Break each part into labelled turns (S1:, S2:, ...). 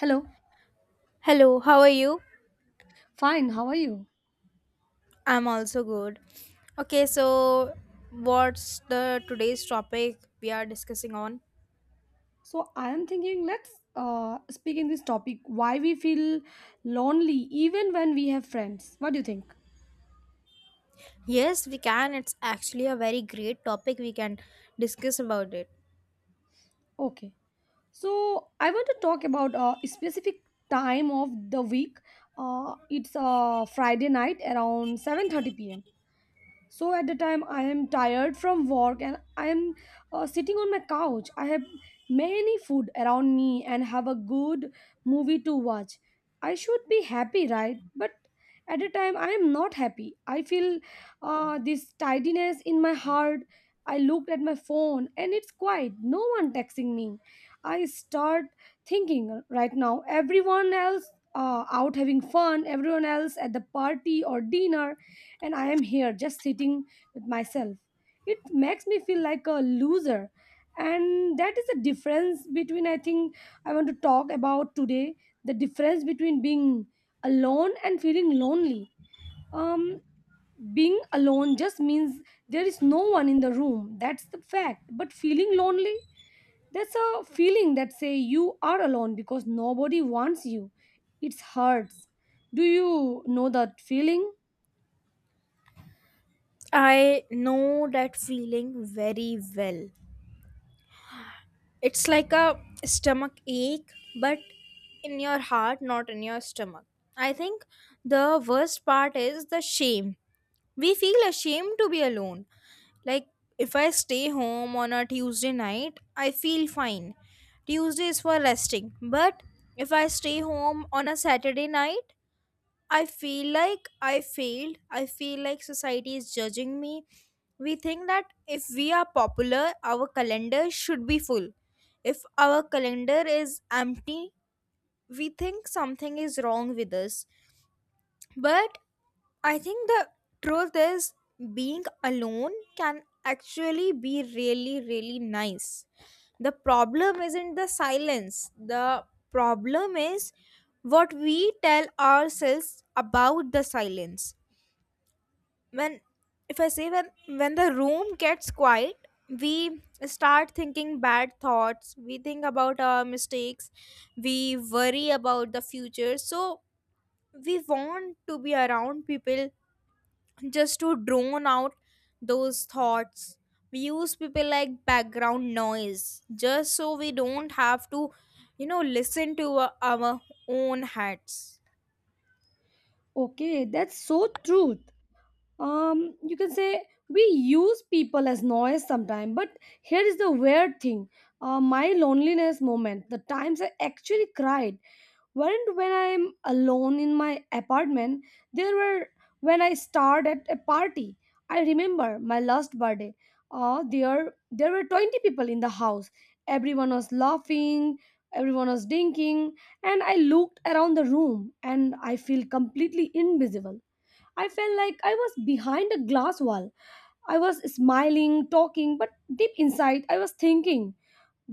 S1: Hello.
S2: Hello, how are you?
S1: Fine, how are you?
S2: I'm also good. Okay, so what's the today's topic we are discussing on?
S1: So I am thinking let's speak in this topic why we feel lonely even when we have friends. What do you think?
S2: Yes, we can. It's actually a very great topic. We can discuss about it.
S1: Okay. So I want to talk about a specific time of the week. It's Friday night around 7:30 p.m. So at the time I am tired from work and I am sitting on my couch. I have many food around me and have a good movie to watch. I should be happy, right? But at the time I am not happy. I feel this tidiness in my heart. I looked at my phone and it's quiet. No one texting me. I start thinking right now. Everyone else out having fun. Everyone else at the party or dinner and I am here just sitting with myself. It makes me feel like a loser. And that is the difference between, I think, I want to talk about today the difference between being alone and feeling lonely. Um, Being alone just means there is no one in the room. That's the fact. But feeling lonely, that's a feeling that say you are alone because nobody wants you. It hurts. Do you know that feeling?
S2: I know that feeling very well. It's like a stomach ache, but in your heart, not in your stomach. I think the worst part is the shame. We feel ashamed to be alone. Like if I stay home on a Tuesday night, I feel fine. Tuesday is for resting. But if I stay home on a Saturday night, I feel like I failed. I feel like society is judging me. We think that if we are popular, our calendar should be full. If our calendar is empty, we think something is wrong with us. But I think the truth is being alone can actually be really, really nice. The problem isn't the silence, the problem is what we tell ourselves about the silence. When if I say when the room gets quiet, we start thinking bad thoughts, we think about our mistakes, we worry about the future. So we want to be around people just to drone out those thoughts. We use people like background noise just so we don't have to listen to our own heads.
S1: Okay, that's so true. Um, you can say we use people as noise sometimes, but here is the weird thing. My loneliness moment, the times I actually cried weren't when I'm alone in my apartment. They were when I starred at a party. I remember my last birthday. There were 20 people in the house. Everyone was laughing, everyone was drinking, and I looked around the room and I feel completely invisible. I felt like I was behind a glass wall. I was smiling, talking, but deep inside I was thinking,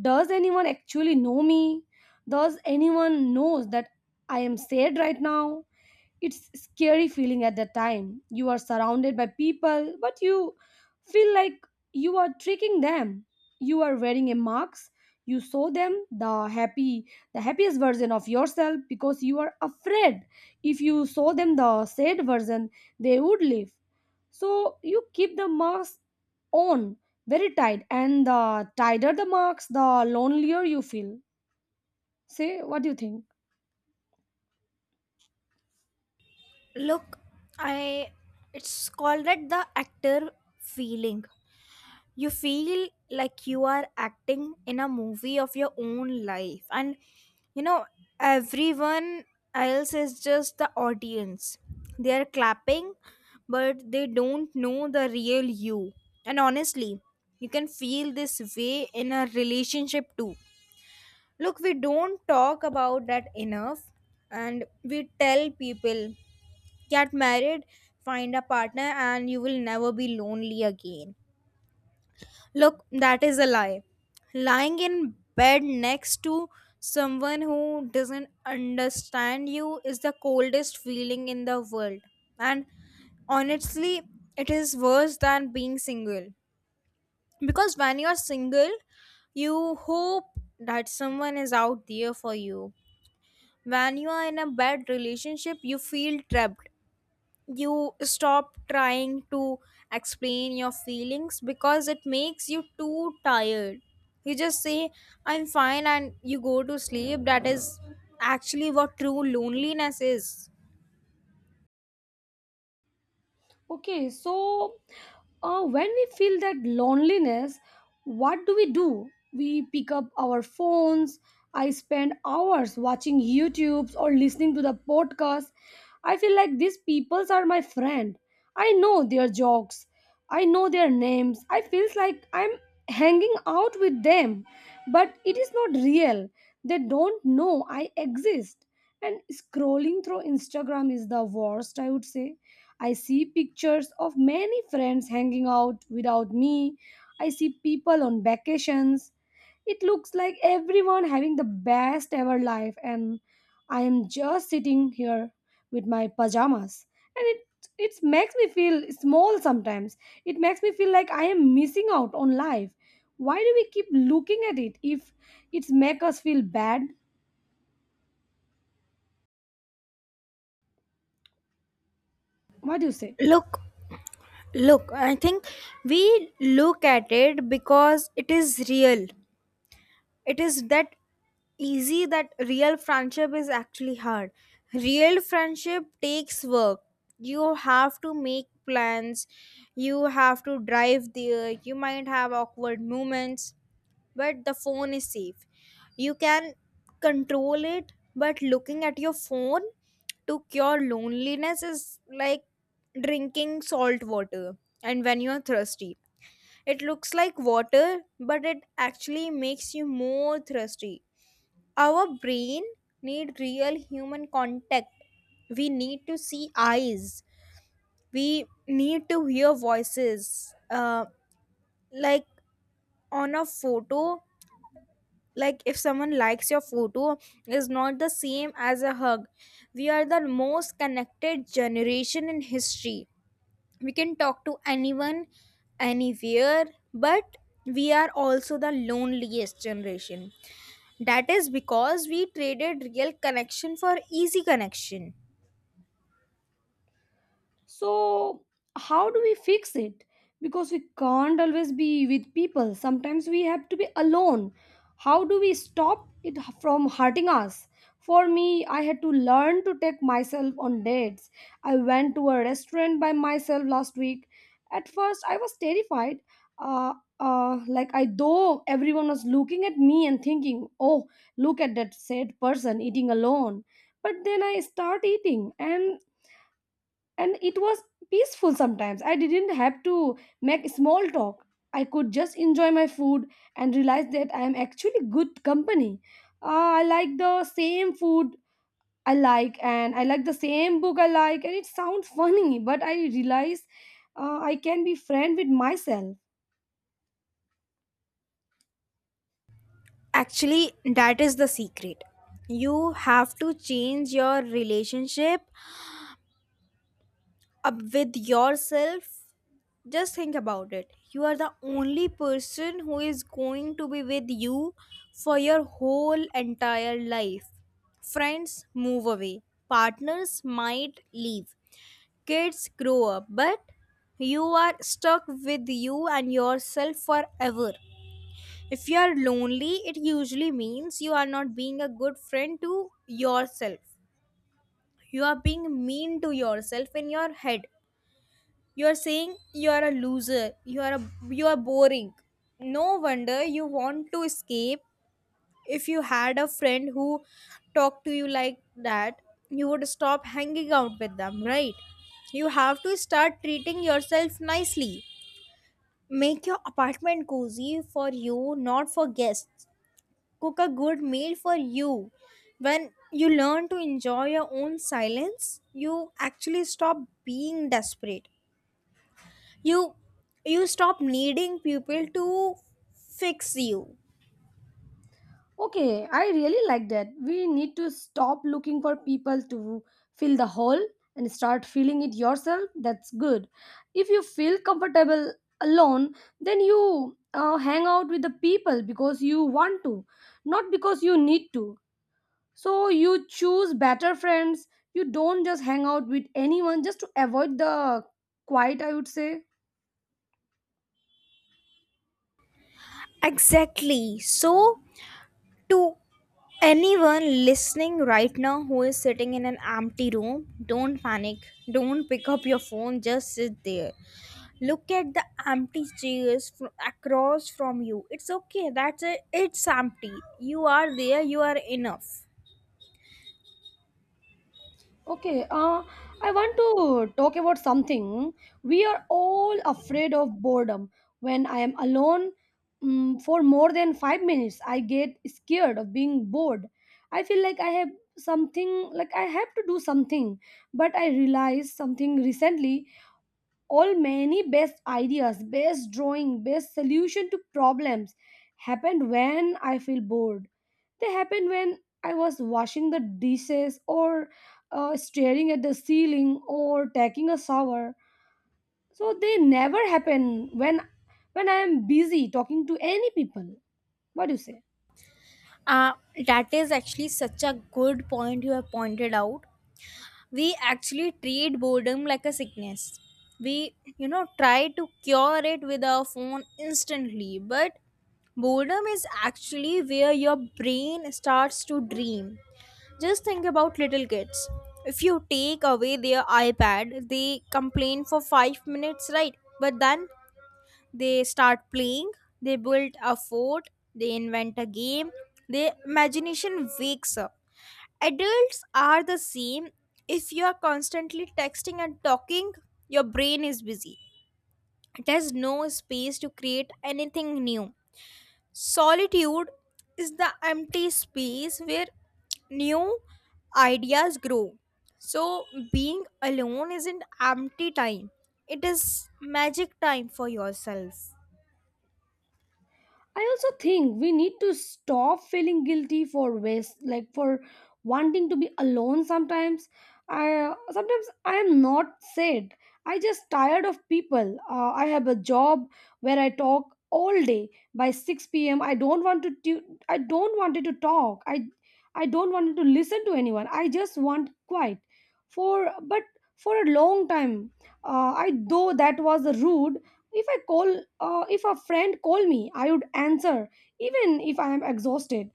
S1: does anyone actually know me? Does anyone knows that I am sad right now? It's scary feeling at that time, you are surrounded by people but you feel like you are tricking them. You are wearing a mask. You show them the happy, the happiest version of yourself because you are afraid if you show them the sad version, they would leave. So you keep the mask on very tight, and the tighter the mask, the lonelier you feel. Say, what do you think?
S2: Look, I it's called it the actor feeling. You feel like you are acting in a movie of your own life, and you know everyone else is just the audience. They are clapping, but they don't know the real you. And honestly, you can feel this way in a relationship too. Look, we don't talk about that enough, and we tell people get married, find a partner, and you will never be lonely again. Look, that is a lie. Lying in bed next to someone who doesn't understand you is the coldest feeling in the world. And honestly, it is worse than being single. Because when you're single, you hope that someone is out there for you. When you are in a bad relationship, you feel trapped. You stop trying to explain your feelings because it makes you too tired. You just say I'm fine and you go to sleep. That is actually what true loneliness is.
S1: Okay, so when we feel that loneliness, what do? We pick up our phones. I spend hours watching YouTubes or listening to the podcast. I feel like these peoples are my friend. I know their jokes. I know their names. I feels like I'm hanging out with them, but it is not real. They don't know I exist. And scrolling through Instagram is the worst, I would say. I see pictures of many friends hanging out without me. I see people on vacations. It looks like everyone having the best ever life, and I am just sitting here with my pajamas. And it makes me feel small sometimes. It makes me feel like I am missing out on life. Why do we keep looking at it if it's make us feel bad? What do you say?
S2: Look look I think we look at it because it is real. It is that easy that real friendship is actually hard. Real friendship takes work. You have to make plans, you have to drive there, you might have awkward moments. But the phone is safe, you can control it. But looking at your phone to cure loneliness is like drinking salt water. And when you're thirsty, it looks like water, but it actually makes you more thirsty. Our brain need real human contact. We need to see eyes. We need to hear voices. Like on a photo, like if someone likes your photo, is not the same as a hug. We are the most connected generation in history. We can talk to anyone anywhere, but we are also the loneliest generation. That is because we traded real connection for easy connection.
S1: So, how do we fix it? Because we can't always be with people. Sometimes we have to be alone. How do we stop it from hurting us? For me, I had to learn to take myself on dates. I went to a restaurant by myself last week. At first, I was terrified. Uh, like I though everyone was looking at me and thinking, "Oh, look at that sad person eating alone." But then I start eating, and it was peaceful sometimes. I didn't have to make small talk, I could just enjoy my food and realize that I am actually good company. I like the same food I like, and I like the same book I like, and it sounds funny but I realize I can be friend with myself.
S2: Actually, that is the secret. You have to change your relationship up with yourself. Just think about it. You are the only person who is going to be with you for your whole entire life. Friends move away, partners might leave, kids grow up, but you are stuck with you and yourself forever. If you are lonely, it usually means you are not being a good friend to yourself. You are being mean to yourself in your head. You are saying you are a loser. You are a, you are boring. No wonder you want to escape. If you had a friend who talked to you like that, you would stop hanging out with them, right? You have to start treating yourself nicely. Make your apartment cozy for you, not for guests. Cook a good meal for you. When you learn to enjoy your own silence, you actually stop being desperate. You you stop needing people to fix you.
S1: Okay, I really like that. We need to stop looking for people to fill the hole and start filling it yourself. That's good. If you feel comfortable alone, then you hang out with the people because you want to, not because you need to. So you choose better friends. You don't just hang out with anyone just to avoid the quiet, I would say.
S2: Exactly. So to anyone listening right now who is sitting in an empty room, don't panic, don't pick up your phone, just sit there. Look at the empty chairs across from you. It's okay. That's it. It's empty. You are there, you are enough.
S1: Okay, I want to talk about something. We are all afraid of boredom. When I am alone for more than 5 minutes, I get scared of being bored. I feel like I have something, like I have to do something. But I realized something recently, all many best ideas, best drawing, best solution to problems happened when I feel bored. They happened when I was washing the dishes, or staring at the ceiling, or taking a shower. So they never happen when I am busy talking to any people. What do you say?
S2: Uh, that is actually such a good point you have pointed out. We actually treat boredom like a sickness. We try to cure it with our phone instantly, but boredom is actually where your brain starts to dream. Just think about little kids. If you take away their ipad, they complain for 5 minutes, right? But then they start playing, they build a fort, they invent a game, their imagination wakes up. Adults are the same. If you are constantly texting and talking, your brain is busy. It has no space to create anything new. Solitude is the empty space where new ideas grow. So, being alone isn't empty time, it is magic time for yourself.
S1: I also think we need to stop feeling guilty for waste, like for wanting to be alone sometimes. I sometimes I am not sad. I just tired of people. I have a job where I talk all day by 6 p.m. I don't want to I don't wanted to talk. I don't wanted to listen to anyone. I just want quiet. For but for a long time, I though that was rude. If I call, if a friend call me, I would answer even if I am exhausted.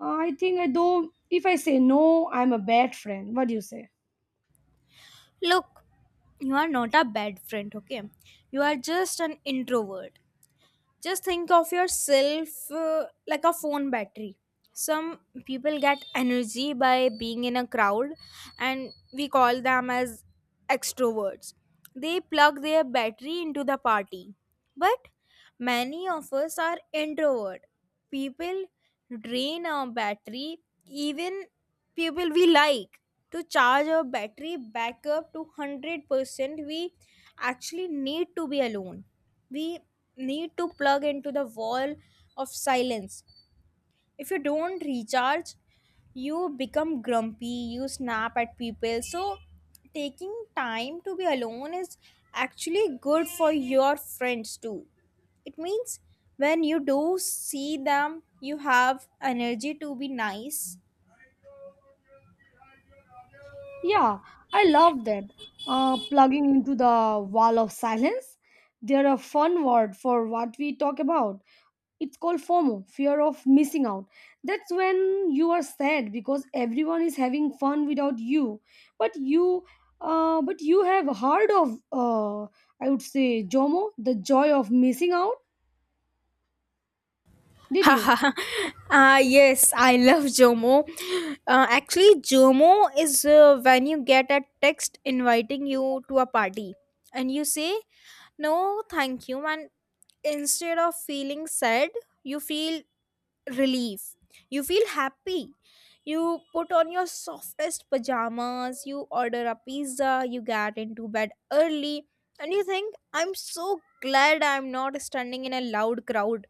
S1: I think I though if I say no, I'm a bad friend. What do you say?
S2: Look, you are not a bad friend, okay? You are just an introvert. Just think of yourself like a phone battery. Some people get energy by being in a crowd, and we call them as extroverts. They plug their battery into the party. But many of us are introvert. People drain our battery, even people we like. To charge our battery back up to 100%, we actually need to be alone. We need to plug into the wall of silence. If you don't recharge, you become grumpy, you snap at people. So taking time to be alone is actually good for your friends too. It means when you do see them, you have energy to be nice.
S1: Yeah, I love that. Plugging into the wall of silence. They're a fun word for what we talk about. It's called FOMO, fear of missing out. That's when you are sad because everyone is having fun without you, but you, but you have heard of, I would say, JOMO, the joy of missing out. Did you?
S2: Haha. Ah, yes, I love Jomo. Actually, Jomo is when you get a text inviting you to a party and you say, no, thank you. And instead of feeling sad, you feel relief. You feel happy. You put on your softest pajamas, you order a pizza, you get into bed early, and you think, I'm so glad I'm not standing in a loud crowd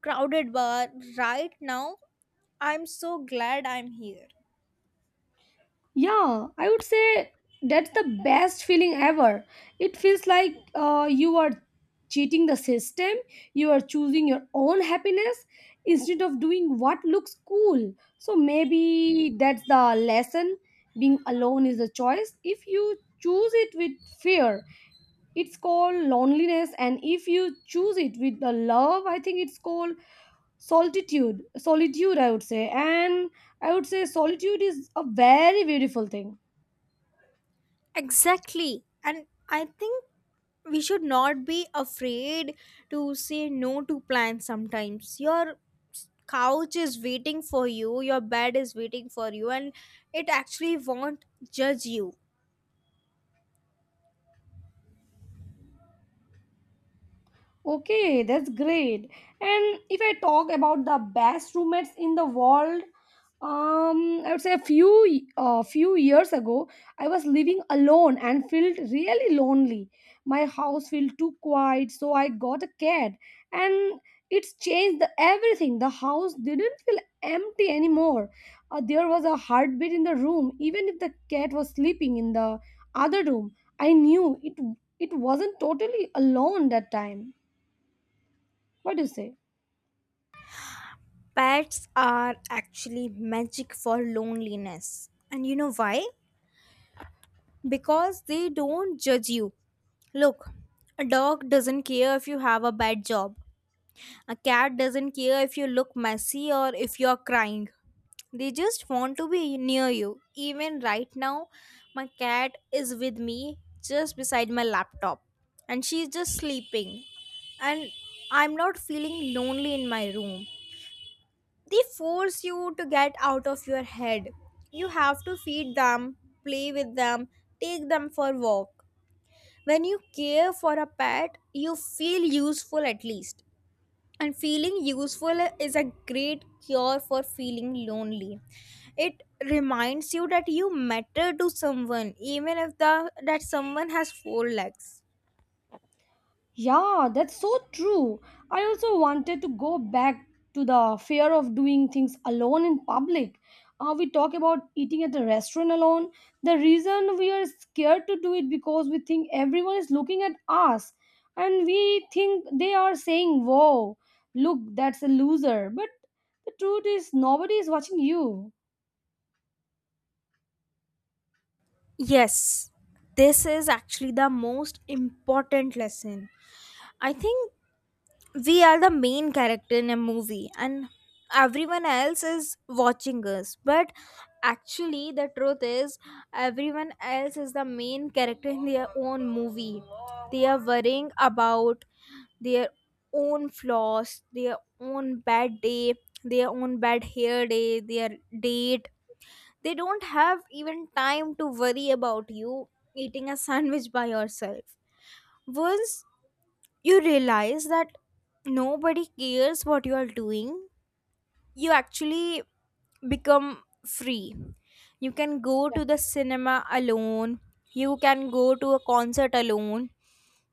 S2: crowded bar right now. I'm so glad I'm here.
S1: Yeah, I would say that's the best feeling ever. It feels like you are cheating the system, you are choosing your own happiness instead of doing what looks cool. So maybe that's the lesson. Being alone is a choice. If you choose it with fear, it's called loneliness. And if you choose it with the love, I think it's called solitude. Solitude, I would say. And I would say solitude is a very beautiful thing.
S2: Exactly. And I think we should not be afraid to say no to plans. Sometimes your couch is waiting for you, your bed is waiting for you, and it actually won't judge you.
S1: Okay, that's great. And if I talk about the best roommates in the world, I would say a few few years ago, I was living alone and felt really lonely. My house felt too quiet, so I got a cat, and it's changed the, everything. The house didn't feel empty anymore. There was a heartbeat in the room, even if the cat was sleeping in the other room. I knew it wasn't totally alone that time. What do you say?
S2: Pets are actually magic for loneliness, and you know why? Because they don't judge you. Look, a dog doesn't care if you have a bad job. A cat doesn't care if you look messy or if you're crying. They just want to be near you. Even right now, my cat is with me just beside my laptop and she's just sleeping. And I'm not feeling lonely in my room. They force you to get out of your head. You have to feed them, play with them, take them for walk. When you care for a pet, you feel useful at least. And feeling useful is a great cure for feeling lonely. It reminds you that you matter to someone, even if the that someone has four legs.
S1: Yeah, that's so true. I also wanted to go back to the fear of doing things alone in public. We talk about eating at a restaurant alone. The reason we are scared to do it because we think everyone is looking at us and we think they are saying, "Whoa, look, that's a loser." But the truth is, nobody is watching you.
S2: Yes, this is actually the most important lesson. I think we are the main character in a movie and everyone else is watching us. But actually the truth is, everyone else is the main character in their own movie. They are worrying about their own flaws, their own bad day, their own bad hair day, their date. They don't have even time to worry about you eating a sandwich by yourself. Once you realize that nobody cares what you are doing, you actually become free. You can go to the cinema alone, you can go to a concert alone.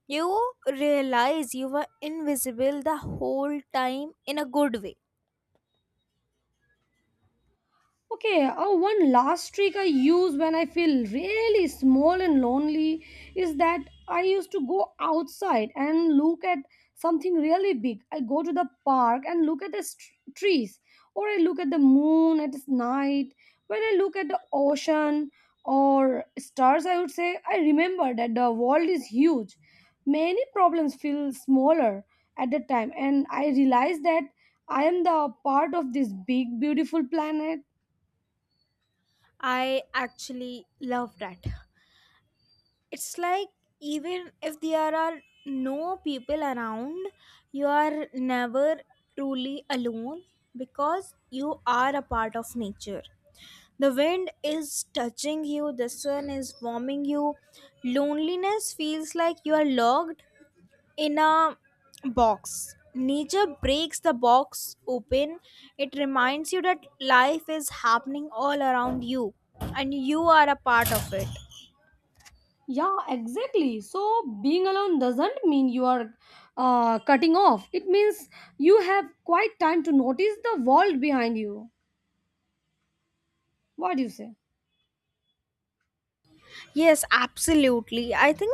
S2: You realize you were invisible the whole time in a good way.
S1: Okay, oh, one last trick I use when I feel really small and lonely is that I used to go outside and look at something really big. I go to the park and look at the trees, or I look at the moon at night. When I look at the ocean or stars, I would say I remember that the world is huge. Many problems feel smaller at the time, and I realize that I am the part of this big, beautiful planet.
S2: I actually love that. It's like even if there are no people around, you are never truly alone, because you are a part of nature. The wind is touching you, the sun is warming you. Loneliness feels like you are locked in a box. Nature breaks the box open. It reminds you that life is happening all around you and you are a part of it.
S1: Yeah, exactly. So being alone doesn't mean you are cutting off. It means you have quite time to notice the world behind you. What do you say?
S2: Yes, absolutely. I think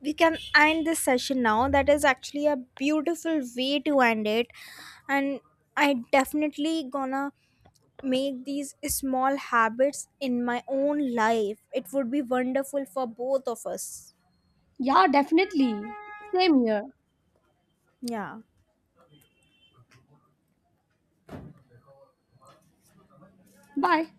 S2: we can end this session now. That is actually a beautiful way to end it. And I definitely gonna make these small habits in my own life. It would be wonderful for both of us.
S1: Yeah, definitely. Same here.
S2: Yeah.
S1: Bye.